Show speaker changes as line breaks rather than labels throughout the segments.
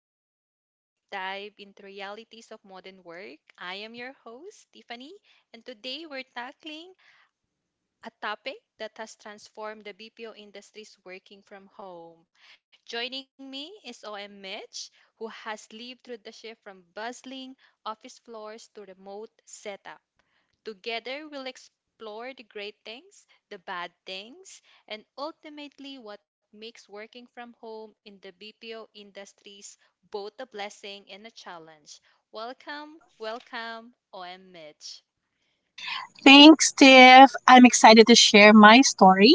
podcast where we deep dive into realities of modern work. I am your host, Tiffany, and today we're tackling a topic that has transformed the BPO industry's working from home. Joining me is OM Mitch, who has lived through the shift from bustling office floors to remote setup. Together, we'll explore the great things, the bad things, and ultimately what makes working from home in the BPO industries both a blessing and a challenge. Welcome, welcome, OM Mitch.
Thanks, Tiff. I'm excited to share my story.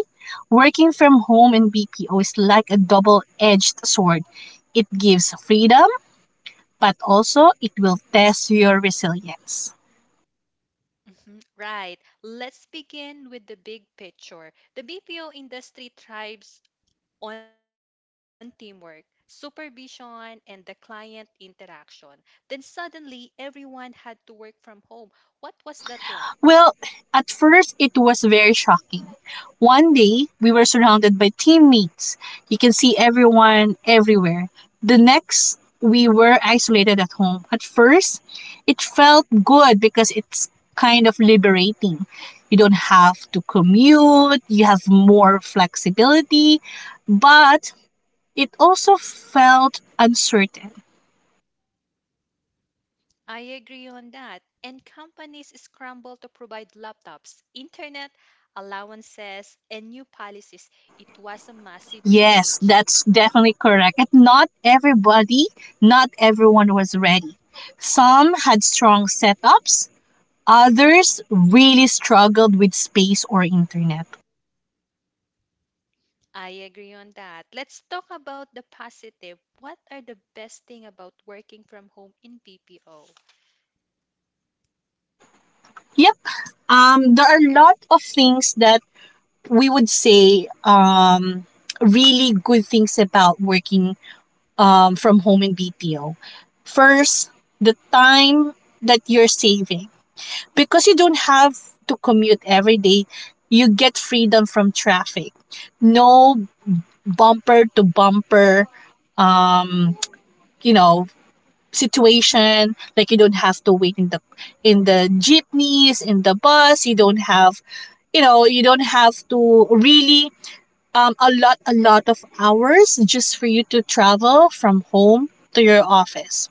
Working from home in BPO is like a double edged sword. It gives freedom, but also it will test your resilience.
Mhm. Right, let's begin with the big picture. The BPO industry thrives on teamwork, supervision, and the client interaction. Then suddenly, everyone had to work from home. What was that like?
Well, at first it was very shocking. One day we were surrounded by teammates. You can see everyone everywhere. The next we were isolated at home. At first, it felt good because it's kind of liberating. You don't have to commute, you have more flexibility, but it also felt uncertain.
I agree on that. And companies scramble to provide laptops, internet allowances, and new policies. It was a massive
Yes,
change.
that's definitely correct. And not everyone was ready. Some had strong setups, others really struggled with space or internet.
I agree on that. Let's talk about the positive. What are the best thing about working from home in BPO?
Yep. There are a lot of things that we would say really good things about working from home in BPO. First, the time that you're saving, because you don't have to commute every day, you get freedom from traffic. No bumper to bumper, um, you know, situation. Like you don't have to wait in the jeepneys, in the bus. You don't have, you know, you don't have to really a lot of hours just for you to travel from home to your office.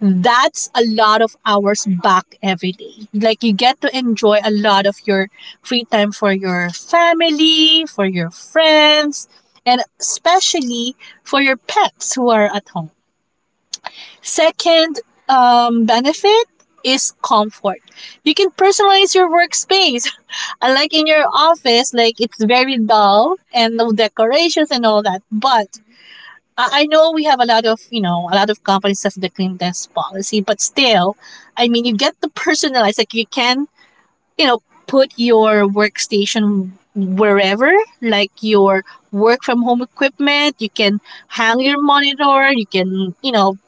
That's a lot of hours back every day. Like you get to enjoy a lot of your free time for your family, for your friends, and especially for your pets who are at home. Second benefit is comfort. You can personalize your workspace. Unlike in your office, like it's very dull and no decorations and all that. But
Hmm
I know we have a lot of, you know, a lot of companies have the clean desk policy, but still, I mean, you get the personalized, like you can, you know, put your workstation wherever, like your work from home equipment. You can hang your monitor, you can, you know,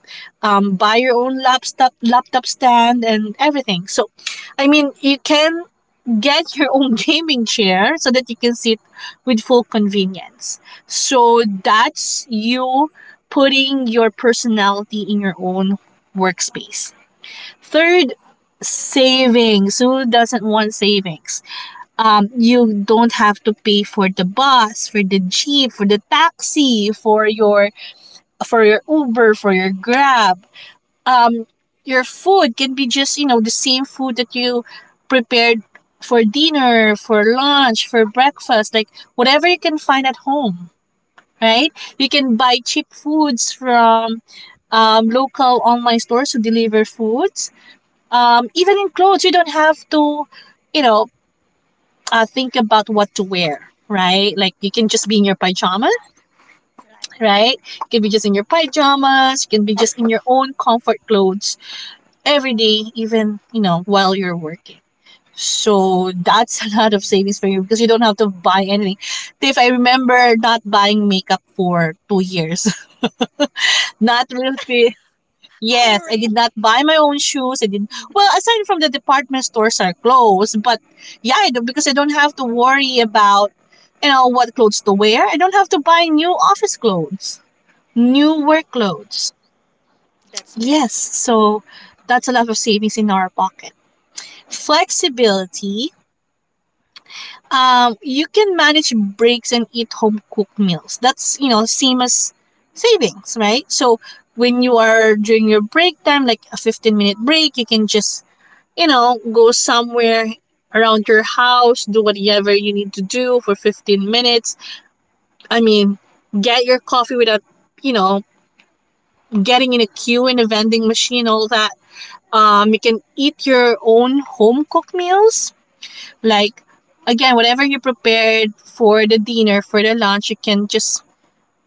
buy your own laptop, laptop stand and everything. So, I mean, you can get your own gaming chair so that you can sit with full convenience. So that's you putting your personality in your own workspace. Third, savings. Who doesn't want savings? You don't have to pay for the bus, for the jeep, for the taxi, for your Uber, for your Grab, um your food can be just, you know, the same food that you prepared for dinner, for lunch, for breakfast, like whatever you can find at home, right? You can buy cheap foods from, local online stores who deliver foods, even in clothes. You don't have to, you know think about what to wear, right? Like you can just be in your pajamas,
Right.
right? You can be just in your pajamas, you can be just in your own comfort clothes every day, even, you know, while you're working. So that's a lot of savings
hmm
for you because you don't have to buy anything. If I remember not buying makeup for two years, not really.
Oh, really?
Yes, I did not buy my own
hmm
shoes. I did, well, aside from the department stores are closed, but yeah, I do, because I don't have to worry about, you know, what clothes to wear. I don't have to buy new office clothes, new work clothes.
That's very true.
Yes, so
Hmm
that's a lot of savings in our pocket. Flexibility, you can manage breaks and eat home cooked meals. That's, you know, same as savings, right? So when you are during your break time, like a 15-minute break, you can just, you know, go somewhere around your house, do whatever you need to do for 15 minutes. I mean, get your coffee without, you know, getting in a queue in a vending machine, all that. You can eat your own home cooked meals. Like, again, whatever you prepared for the dinner, for the lunch, you can just,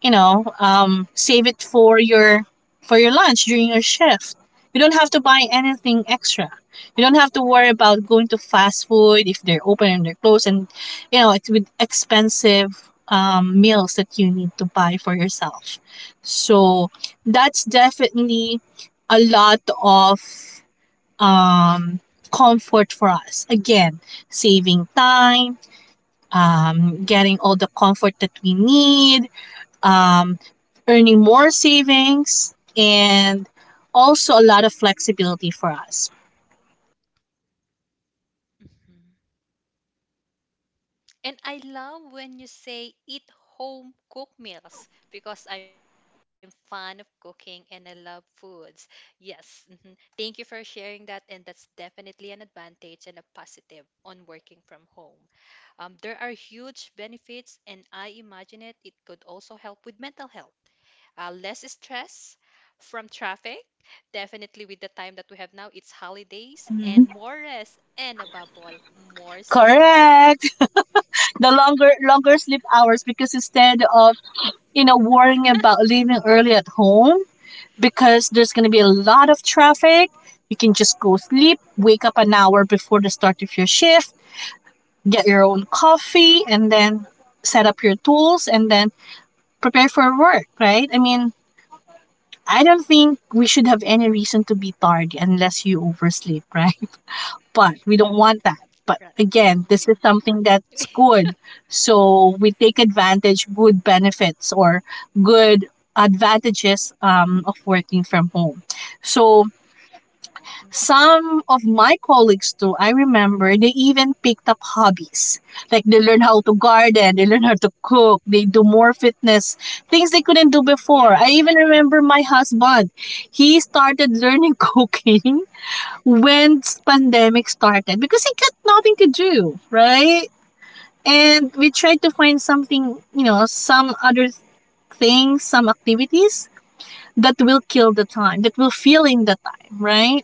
you know, save it for your lunch during your shift. You don't have to buy anything extra. You don't have to worry about going to fast food if they're open and they're closed, and, you know, it's with expensive meals that you need to buy for yourself. So that's definitely a lot of um, comfort for us. Again, saving time, getting all the comfort that we need, um, earning more savings, and also a lot of flexibility for us.
hmm And I love when you say eat home cooked meals because I'm fan of cooking and I love foods. Yes, mhm. Thank you for sharing that, and that's definitely an advantage and a positive on working from home. There are huge benefits, and I imagine it could also help with mental health. Less stress from traffic. Definitely, with the time that we have now, it's holidays and more rest, and above all, more sleep.
Correct. The longer sleep hours, because instead of, you know, worrying about leaving early at home because there's gonna be a lot of traffic, you can just go sleep, wake up an hour before the start of your shift, get your own coffee and then set up your tools and then prepare for work, right? I mean, I don't think we should have any reason to be tardy unless you oversleep, right? But we don't want that. But
Right.
again, this is something that's good. So we take advantage
Mm-hmm.
good benefits or good advantages of working from home. So
Mm-hmm.
some of my colleagues too, I remember, they even picked up hobbies. Like they learn how to garden, they learn how to cook, they do more fitness, things they couldn't do before.
Yeah,
I even
yeah.
remember my husband. He started learning cooking when pandemic started because he got nothing to do, right? And we tried to find something, you know, some other things, some activities that will kill the time, that will fill in the time, right?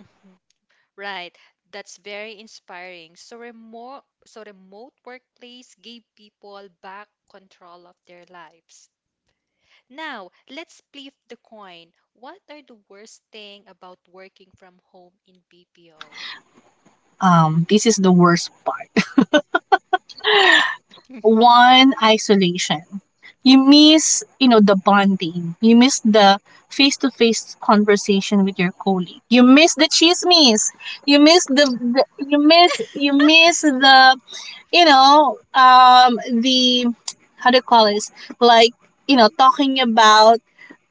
Mm-hmm. Right. That's very inspiring. So remote workplace gave people back control of their lives. Now, let's flip the coin. What are the worst thing about working from home in BPO?
This is the worst part.
Hmm
One,
hmm
isolation. You miss, you know, the bonding. You miss the face-to-face conversation with your colleague. You miss the chismes. You miss the you miss
hmm
the, how do you call this, like, you know, talking about,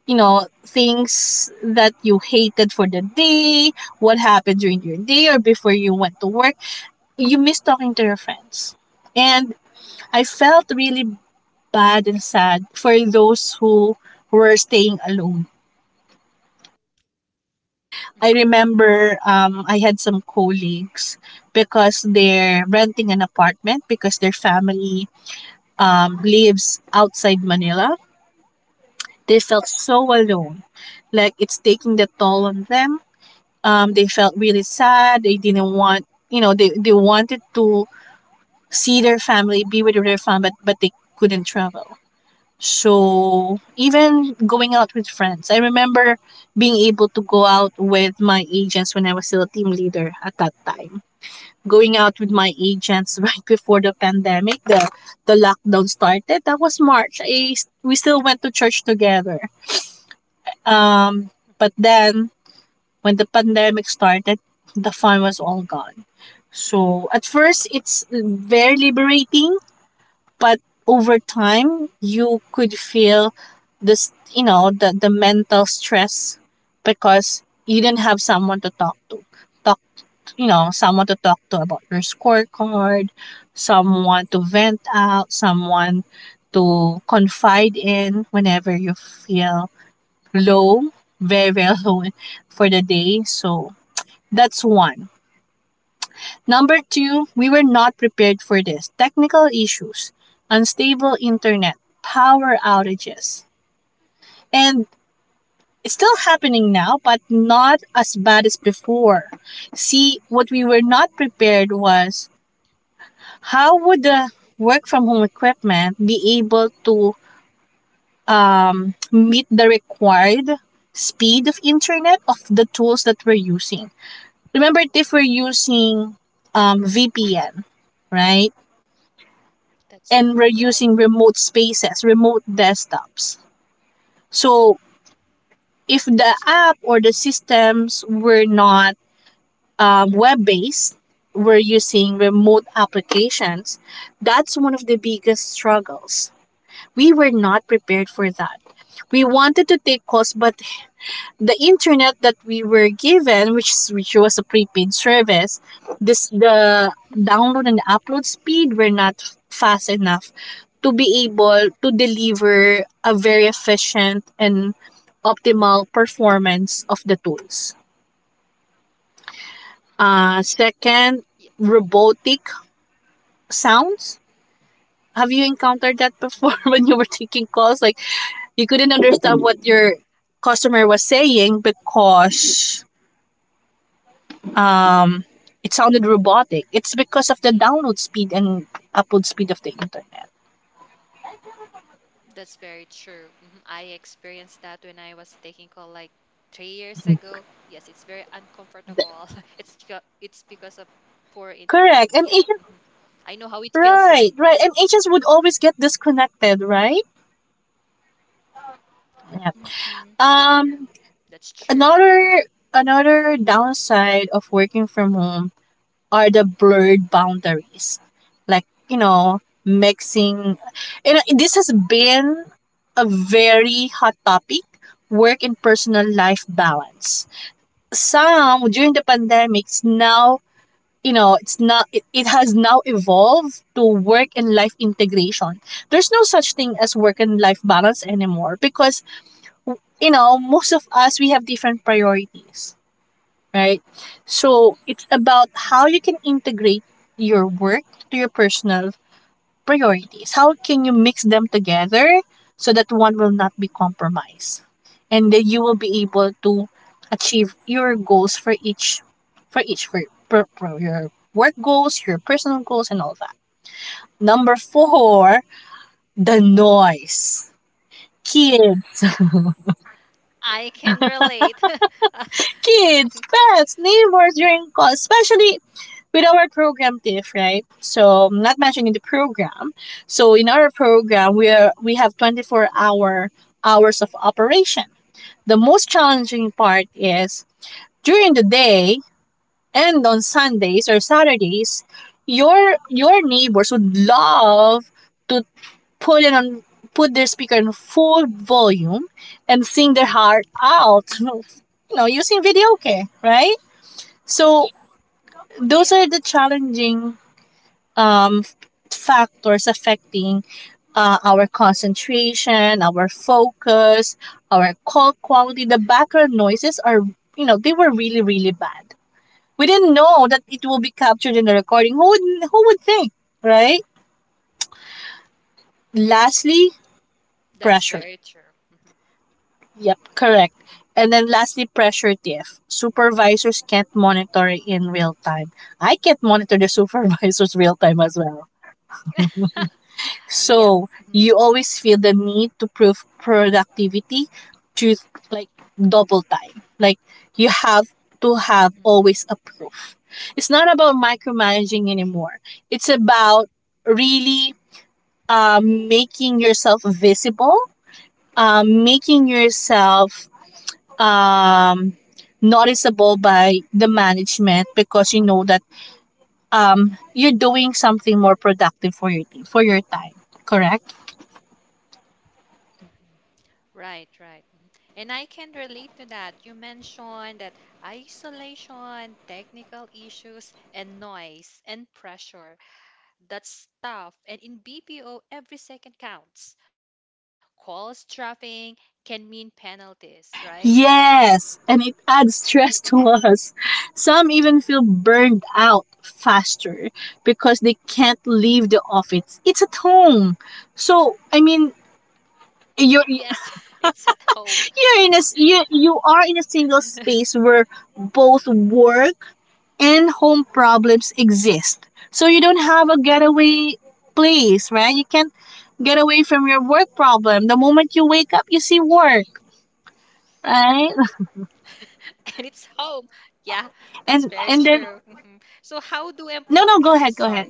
you know, things that you hated for the day, what happened during your day or before you went to work. You miss talking to your friends. And I felt really bad and sad for those who were staying alone.
hmm
I remember, I had some colleagues because they're renting an apartment because their family lives outside Manila. They felt so alone. Like it's taking the toll on them. They felt really sad. They didn't want, you know, they wanted to see their family, be with their family, but they couldn't travel. So even going out with friends, I remember being able to go out with my agents when I was still a team leader at that time. Going out with my agents right before the pandemic, the lockdown started. That was March. I, we still went to church together. Um, but
hmm
then when the pandemic started, the fun was all gone. So at first, it's very liberating, but over time you could feel this, you know, the mental stress, because you didn't have someone to talk to, talk you know, someone to talk to about your scorecard, someone to vent
hmm
out, someone to confide in whenever you feel low, very very low for the day. So that's one. Number two, we were not prepared for this. Technical issues, unstable internet, power outages. And it's still happening now, but not as bad as before. See, what we were not
hmm
prepared was, how would the work from home equipment be able to meet the required speed of internet of the tools that we're using? Remember, if we're using VPN, right?
That's
And we're
right.
using remote spaces, remote desktops. So
That's
if
true.
the app or the systems were not web based, we're using remote applications. That's one of the biggest struggles. We were not prepared for that. We wanted to take costs, but the internet that we were given, which was a prepaid service, this the
Mhm. Mhm.
download and upload speed were not fast enough to be able to deliver a very efficient and optimal performance of the tools. Second,
Yeah.
robotic sounds. Have you encountered that before when you were taking calls? Like you couldn't understand what your customer was saying because um, it sounded robotic. It's because of the download speed and upload speed of the internet.
That's very true. Mhm. I experienced that when I was taking call like 3 years ago. Yes, it's very uncomfortable. It's because of poor
Correct.
internet.
And
Yep.
agents,
hmm I know how it feels like.
right. And agents would always get disconnected, right? Yeah.
Hmm Yep. Mm-hmm.
Um,
That's true.
another another downside of working from home are the blurred boundaries, like, you know, mixing. You know, this has been a very hot topic: work and personal life balance some during the pandemics. Now, you know, it's not it, it has now evolved to work and life integration. There's no such thing as work and life balance anymore, because, you know, most of us we have different priorities, right? So it's about
Hmm
how you
hmm
can integrate your work to your personal priorities. How can you mix them together so that one will not be compromised? And then you will be able to achieve your goals for each, for each for, for your work goals, your personal goals and all that. Number 4, the noise. Kids
I can relate.
Kids, pets, neighbors during calls, especially with our program TIFF, right? So I'm not mentioning the program. So in our program, we are
Mhm.
we have 24 hours of operation. The most challenging part is during the day and on Sundays or Saturdays, your neighbors would love to put it on put their speaker in full volume and sing their heart out using video, okay, right. So
Yeah.
those are the challenging um, factors affecting our concentration, our focus, our call quality. The background noises are, they were really really bad. We didn't know that it will be captured in the
Mhm.
recording. Who would think, right? Lastly,
That's
pressure.
very true. Mhm.
Yep, correct.
Mhm.
And then lastly, pressure TF. Supervisors can't monitor in real time. I can't monitor the supervisors real time as well.
Yep.
So
Mhm.
you always feel the need to prove productivity to, like, double time. Like you have to have
Mhm.
always a proof. It's not about micromanaging anymore. It's about really making yourself visible, making yourself um, noticeable by the management because you know that you're doing something more productive for your team, for your time. Correct?
Mhm. Right, right. Mhm. And I can relate to that. You mentioned that isolation, technical issues, and noise and pressure. That's tough. And in BPO, every second counts. Calls dropping can mean penalties, right?
Yes, and it adds stress to us. Some even feel burned out faster because they can't leave the office. It's at home. So, I mean,
Yes,
you're
it's at home.
you're in a s- you are in a single space where both work and home problems exist. So you don't have a getaway place, right? You can't get away from your work problem. The moment you wake up, you see work, right?
And it's home. Yeah, that's very
And and
true.
then
Mhm. So how do employ?
no,
Yeah,
no, go ahead, go
sorry.
ahead.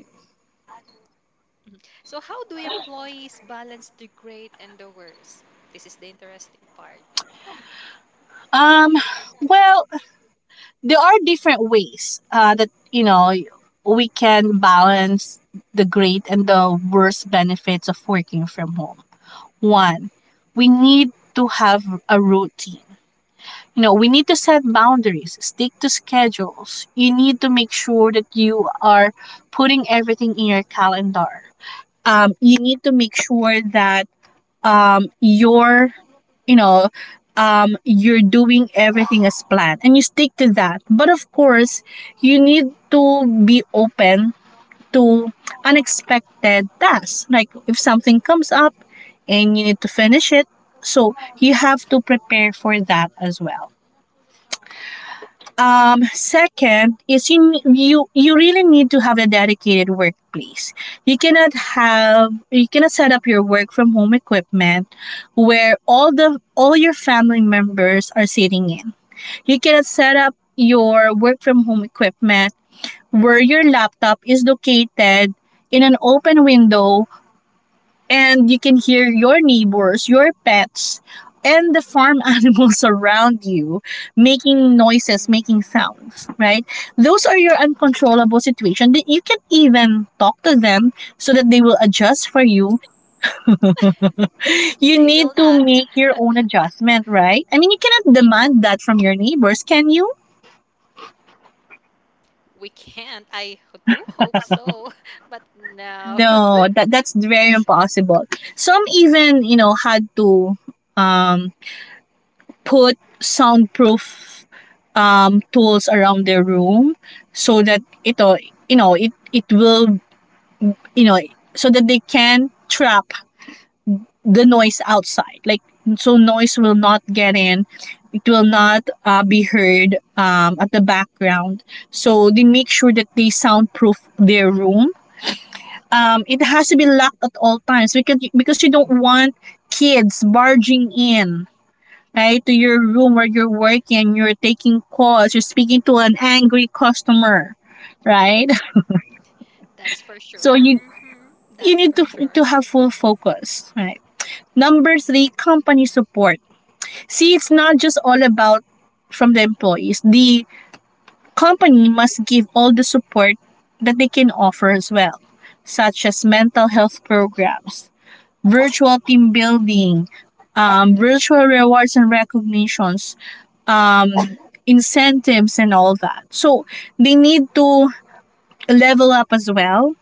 Mhm. So, how do employees balance the great and the worst? This is the interesting part.
Um, well, there are different ways that, you know, we can balance the great and the worst benefits of working from home. One, we need to have a routine. You know, we need to set boundaries, stick to schedules. You need to make sure that you are putting everything in your calendar. You need to make sure that you're you know you're doing everything as planned and you stick to that, but of course you need to be open to unexpected tasks, like if something comes up and you need to finish it, so you have to prepare for that as well. Second is you really need to have a dedicated workplace. You cannot set up your work from home equipment where all your family members are sitting in. You cannot set up your work from home equipment where your laptop is located in an open window and you can hear your neighbors, your pets, and the farm animals around you making noises, making
Hmm
sounds, right? Those are your uncontrollable situation that you can even talk to them so that they will adjust for you. You
They will
need to
not.
make your own adjustment, right? I mean, you cannot demand that from
Yep.
your
Mhm.
neighbors, can you?
We can't. I h- do hope so, but no.
No, that's very impossible. Some even, you know, had to um put soundproof tools around their room so that ito, it will, you know, so that they can trap the noise outside. Like, so noise will not get in. It will not be heard at the background. So they make sure that they soundproof their room. It has to be locked at all times because you don't want kids barging in, right? To your room where you're working, you're taking calls, you're speaking to an angry customer, right?
that's for sure.
So you
hmm That's
you
for
need to
sure.
to have full focus, right? Number three, company
hmm
support. See, it's not just all about from the employees. The company must give all the support that they can offer as well, such as mental health programs, virtual team building, virtual rewards and recognitions, um, incentives and all that. So they need to level up as well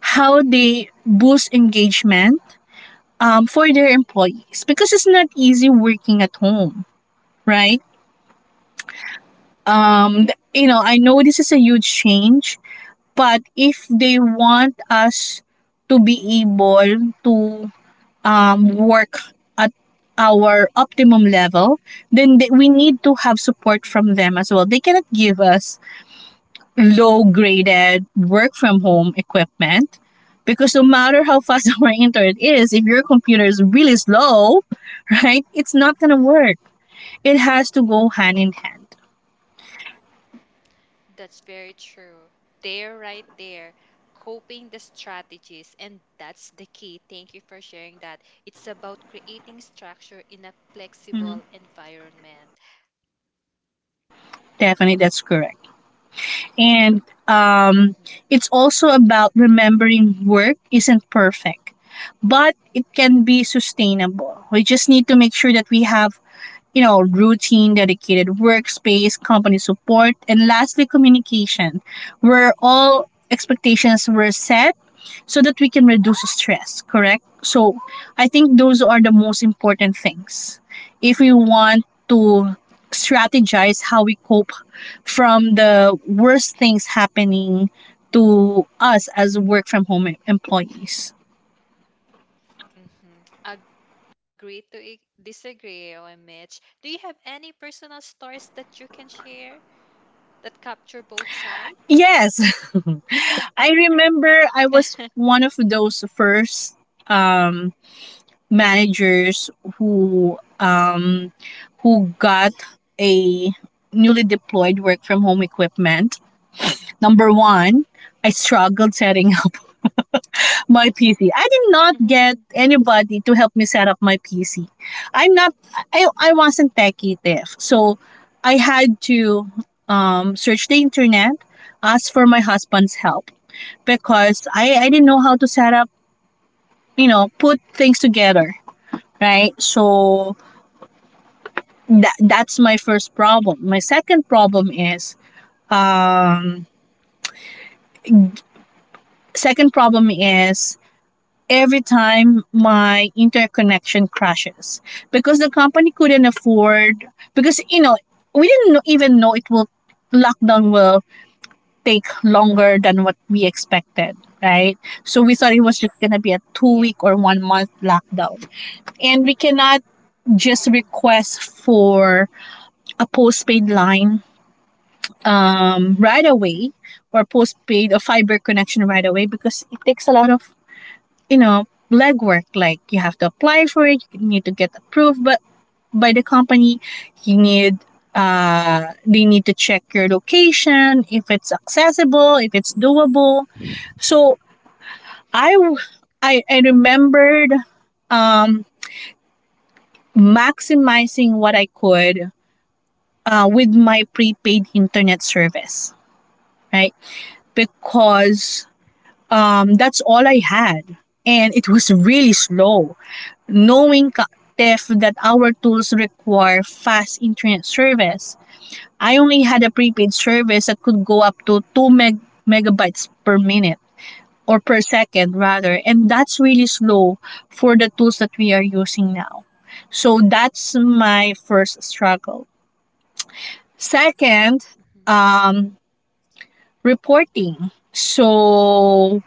how they boost engagement for their employees because it's not easy working at home, right?
Yep.
You know, I know this is a huge change, but if they want us to be able to work at our optimum level, then we need to have support
hmm
from them as well. They cannot give us low graded work from home equipment because no matter how fast our internet is, if your computer is really slow, right, it's not gonna work. It has to go hand in hand.
That's very true. They're right there, coping the strategies, and that's the key. Thank you for sharing that. It's about creating structure in a
Mm-hmm.
flexible environment.
Definitely, that's correct. And
Mhm,
um,
mhm,
it's also about remembering work isn't perfect, but it can be sustainable. We just need to make sure that we have, you know, routine, dedicated workspace, company support, and lastly, communication, where all expectations were set so that we can reduce stress, correct? So I think those are the most important things, if we want to strategize how we cope from the worst things happening to us as work from home employees.
mhm. Agree to I- disagree, OM Mitch. Do you have any personal stories that you can share that capture both sides?
Yes. I remember I was one of those first um managers who um who got a newly deployed work from home equipment. Number 1, I struggled setting up my PC. I did not get
Mhm,
anybody to help me set up my PC. I'm not, I wasn't techie deaf. So I had to search the internet, ask for my husband's help because I didn't know how to
mhm.
set up, you know, put things together, right? So that's my first problem. My second problem is um second problem is every time my interconnection crashes because the company couldn't afford, because, you know, we didn't even know it will, lockdown will take longer than what we expected, right. So we thought it was just going to be a two
Yep.
week or 1 month lockdown,
Mhm,
and we cannot
mhm,
just request for a postpaid line right
mhm,
away, or postpaid or fiber connection right away because it takes a lot of, you know, legwork. Like you have to apply for it, you need to get approved but by the company, you need they need to check your location if it's accessible, if it's doable. So I remembered um maximizing what I could with my prepaid internet service, right? Because that's all I had. And it was really slow. Knowing ka- TEF that our tools require fast internet service, I only had a prepaid service that could go up to megabytes per minute, or per second rather.
mhm,
And that's really slow for the tools that we are using now. So that's my first struggle. Second,
mhm, mhm.
um, reporting. So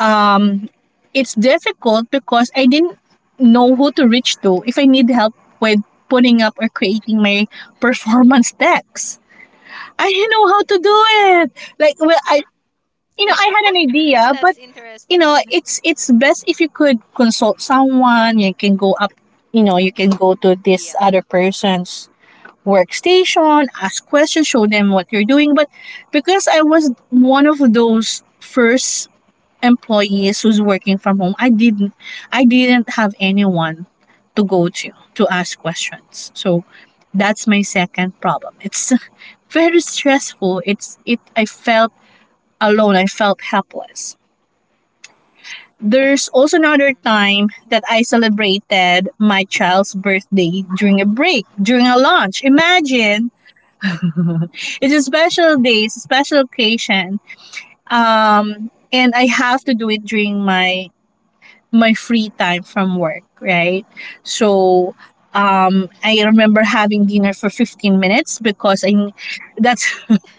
um, it's difficult because I didn't know who to reach to if I need help with putting up or creating my performance decks. I didn't know how to do
Mhm.
it. Like, well, I, you know, I had an idea, but
That's
you know
interesting.
it's best if you could consult someone. You can go up. You know you can
Yep.
go to this other person's workstation, ask questions, show them what you're doing. But because I was one of those first employees who's working from home, I didn't have anyone to go to ask questions. So that's my
Mm-hmm.
second problem. It's very stressful. It's it I felt alone. I felt helpless. There's also another
Mm-hmm.
time that I celebrated my child's birthday during a break, during a lunch. Imagine. It's a special day, it's a special occasion. And I have to do it during my free time from work, right? So
hmm
I remember having dinner for 15 minutes because that's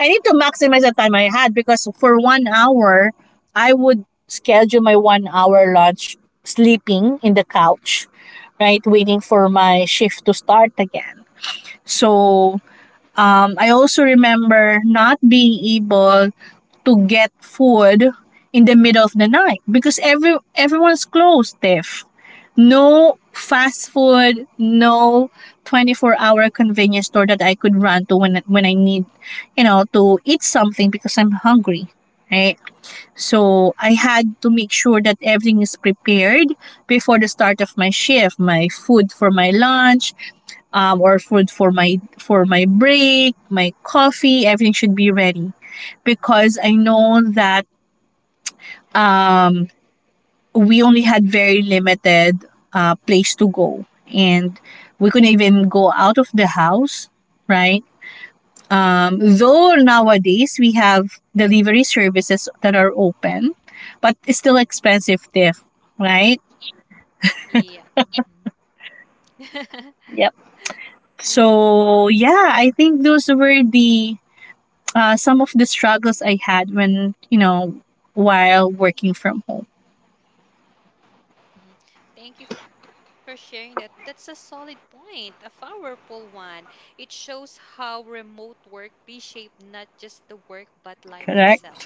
I need to maximize the time I had because for 1 hour, I would schedule my 1 hour lunch sleeping in the couch, right? Waiting for my shift to start again. So I also remember not being able to get food in the middle of the night because everyone's closed, Tiff. No fast food, no 24-hour convenience store that I could run to when I need, you know, to eat something because I'm hungry, right? So I had to make sure that everything is prepared before the start of my shift, my food for my lunch, or food for my break, my coffee, everything should be ready, because I know that um, we only had very limited place to go, and we couldn't even go out of the house, right? Though nowadays
Mm-hmm.
we have delivery services that are open, but it's still expensive, diff, right?
Yep. Mm-hmm.
Yep.
mm-hmm.
So yeah,
All
I
right.
think those were the some of the struggles I had when, you know, while working from home.
Mm-hmm. Thank you for sharing that. That's a solid point, a powerful one. It shows how remote work reshaped not just the work but life itself.
Correct?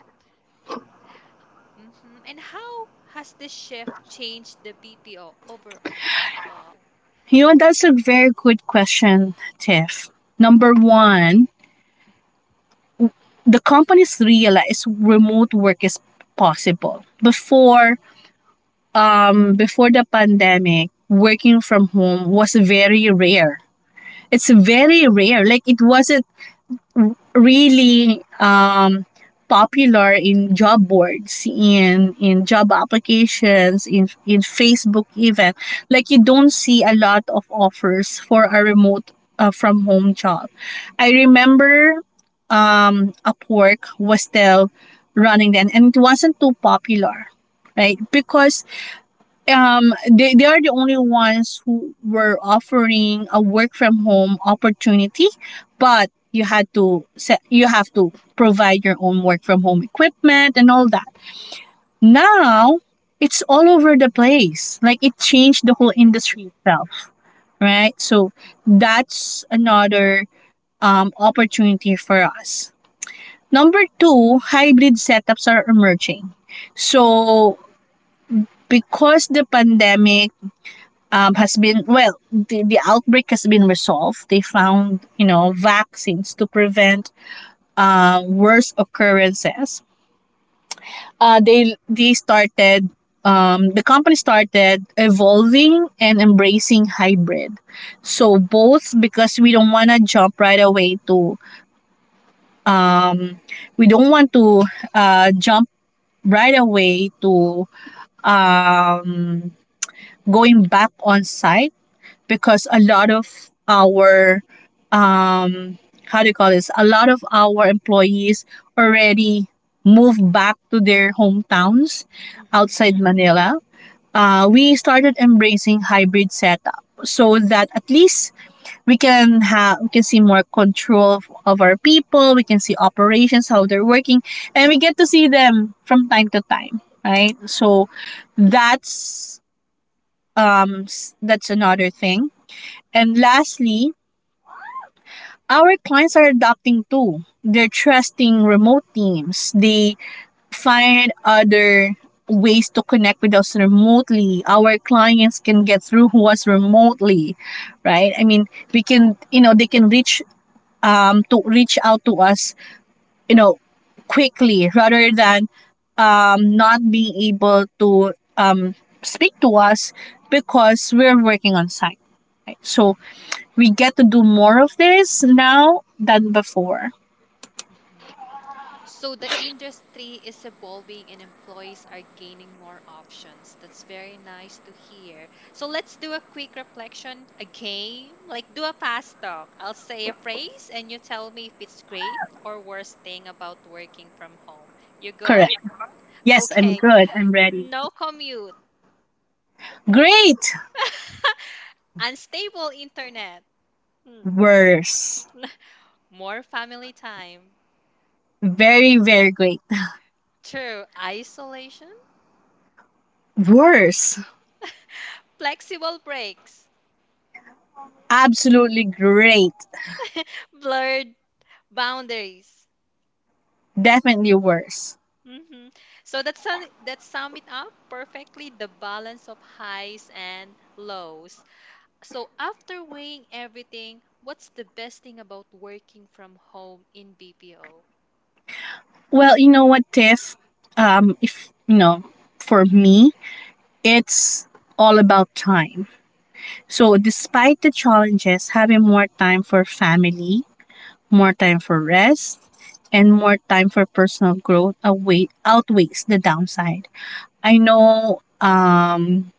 Mm-hmm. And how has this shift changed the BPO overall?
You know, that's a very good question, Tiff. Number one, the companies realize remote work is possible. Before, before the pandemic, working from home was very rare. It's very rare. Like it wasn't really popular in job boards, in job applications, in Facebook even.
Mm-hmm.
Like you don't see a lot of offers for a remote from home job. I remember Upwork was still running then and it wasn't too popular, right? Because they are the only ones who were offering a work from home opportunity, but you had to set you have to provide your own work from home equipment and all that.
Mm-hmm.
Now it's all over the place. Like it changed the whole industry
It
itself,
is.
right? So that's another opportunity for us. Number two, hybrid setups are emerging. So because the pandemic has been, well, the outbreak has been resolved, they found, you know, vaccines to prevent worse occurrences. They started, the company started evolving and embracing hybrid. So both, because we don't want to jump right away to, we don't want to jump right away to, um, going back on site, because a lot of our um how do you call this? A lot of our employees already moved back to their hometowns outside
Mm-hmm.
Manila. We started embracing hybrid setup, so that at least we can have we can see more control of our people. We can see operations, how they're working, and we get to see them from time to time, right? So that's that's another thing. And lastly, our clients are adapting too. They're trusting remote teams. They find other ways to connect with us remotely. Our clients can get through who us remotely, right? I mean, we can, you know, they can reach to reach out to us, you know, quickly, rather than not being able to speak to us because we're working on site. Right? So we get to do more of this now than before.
Mm-hmm. So the industry is evolving and employees are gaining more options. That's very nice to hear. So let's do a quick reflection, a game, like do a fast talk. I'll say a phrase and you tell me if it's great or worst thing about working from home. You good?
Correct. Yes, I'm
Okay.
good. I'm ready.
No commute.
Great.
Unstable internet. Hmm.
Worse.
More family time.
Very, very great.
True. Isolation.
Worse.
Flexible breaks.
Absolutely great.
Blurred boundaries.
Definitely worse.
Mm-hmm. So that sum it up perfectly the balance of highs and lows. So after weighing everything, what's the best thing about working from home in BPO?
Well, you know what, Tiff? If you know, for me, it's all about time. So, despite the challenges, having more time for family, more time for rest, and more time for personal growth away, outweighs the downside. I know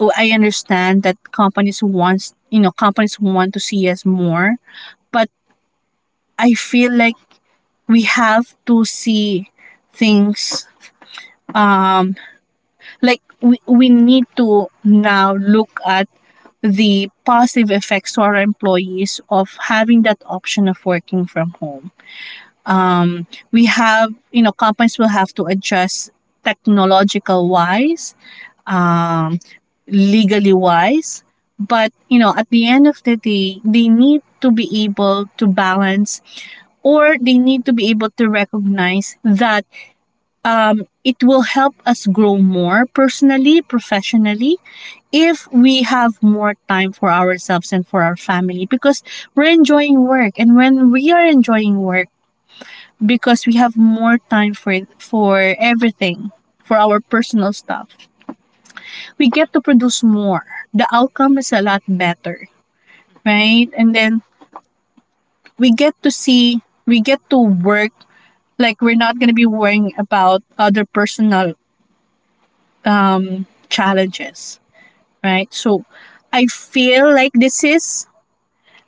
oh, I understand that companies wants, you know, companies want to see us more, but I feel like we have to see things um like we need to now look at the positive effects to our employees of having that option of working from home. We have, you know, companies will have to adjust technological wise, um, legally wise. But you know, at the end of the day, they need to be able to balance, or they need to be able to recognize that it will help us grow more personally, professionally, if we have more time for ourselves and for our family. Because we're enjoying work, and when we are enjoying work, because we have more time for everything, for our personal stuff.
Mm-hmm.
We get to produce more. The outcome is a lot better,
Mm-hmm.
right? And then we get to see, we get to work, like we're not going to be worrying about other personal challenges, right? So I feel like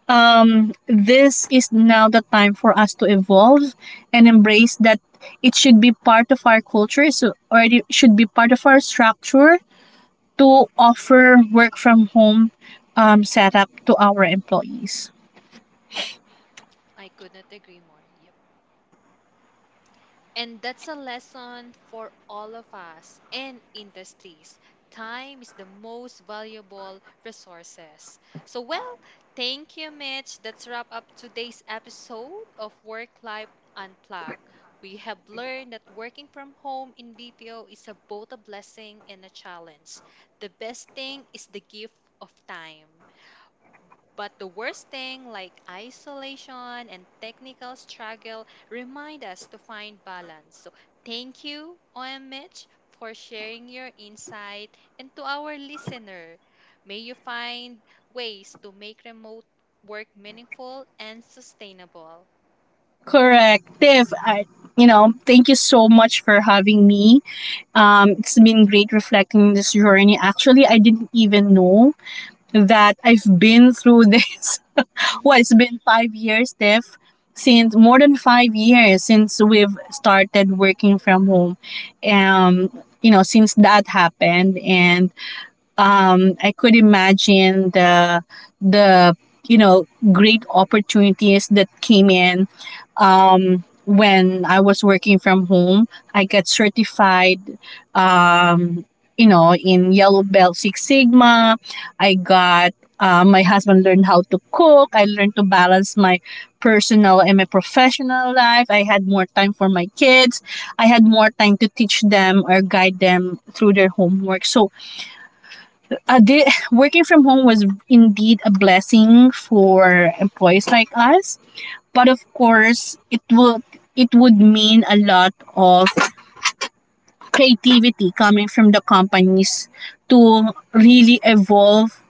this is now the time for us to evolve and embrace that. It should be part of our culture. So already should be part of our structure to offer work from home setup to our employees.
I could not agree more. Yep. And that's a lesson for all of us in industries. Time is the most valuable resources. So, well, thank you, Mitch. That's wrap up today's episode of Work Life Unplugged. We have learned that working from home in BPO is a, both a blessing and a challenge. The best thing is the gift of time. But the worst thing, like isolation and technical struggle, remind us to find balance. So, thank you, OM Mitch, for sharing your insight. And to our listener, may you find ways to make remote work meaningful and sustainable.
Correct, Tiff. I, you know, thank you so much for having me. It's been great reflecting this journey. Actually, I didn't even know that I've been through this. Well, it's been 5 years, Steph, since, more than 5 years since we've started working from home. You know, since that happened. And I could imagine the, you know, great opportunities that came in when I was working from home. I got certified, um, you know, in Yellow Belt Six Sigma. I got. My husband learned how to cook. I learned to balance my personal and my professional life. I had more time for my kids. I had more time to teach them or guide them through their homework. So uh, the, working from home was indeed a blessing for employees like us. But of course, it would mean a lot of creativity coming from the companies to really evolve,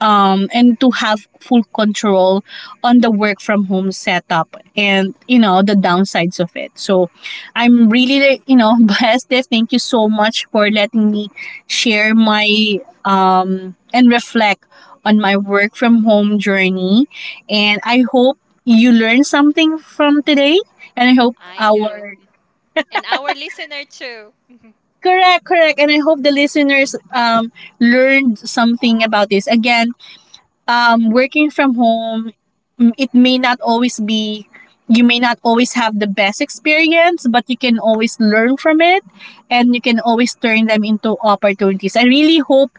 and to have full control on the work from home setup, and you know, the downsides of it. So I'm really like, you know, blessed, Dave. Thank you so much for letting me share my and reflect on my work from home journey. And I hope you learned something from today, and I hope
I do.
our
And our listener, too.
correct correct and I hope the listeners, learned something about this. Again, working from home, mm, it may not always be, you may not always have the best experience, but you can always learn from it, and you can always turn them into opportunities. I really hope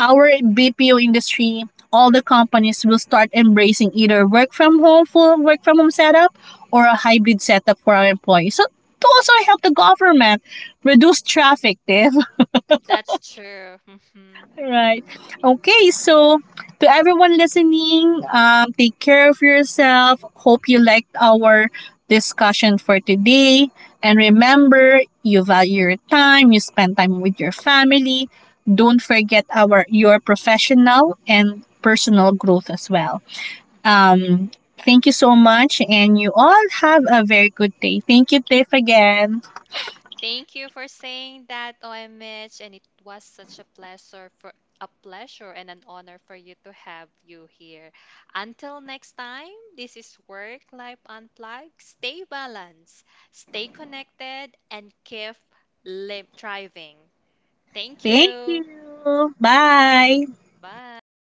our BPO industry, all the companies, will start embracing either work from home, full work from home setup, or a hybrid setup for our employees. So to also help the government reduce traffic, Tiff.
That's true.
Right. Okay. So, to everyone listening, take care of yourself. Hope you liked our discussion for today. And remember, you value your time, you spend time with your family. Don't forget our your professional and personal growth as well. Um, Thank you so much, and you all have a very good day. Thank you, Tiff, again.
Thank you for saying that, OM, and it was such a pleasure for a pleasure and an honor for you to have you here. Until next time, this is Work Life Unplugged. Stay balanced, stay connected, and keep live thriving. Thank
Thank you.
you.
Bye.
Bye.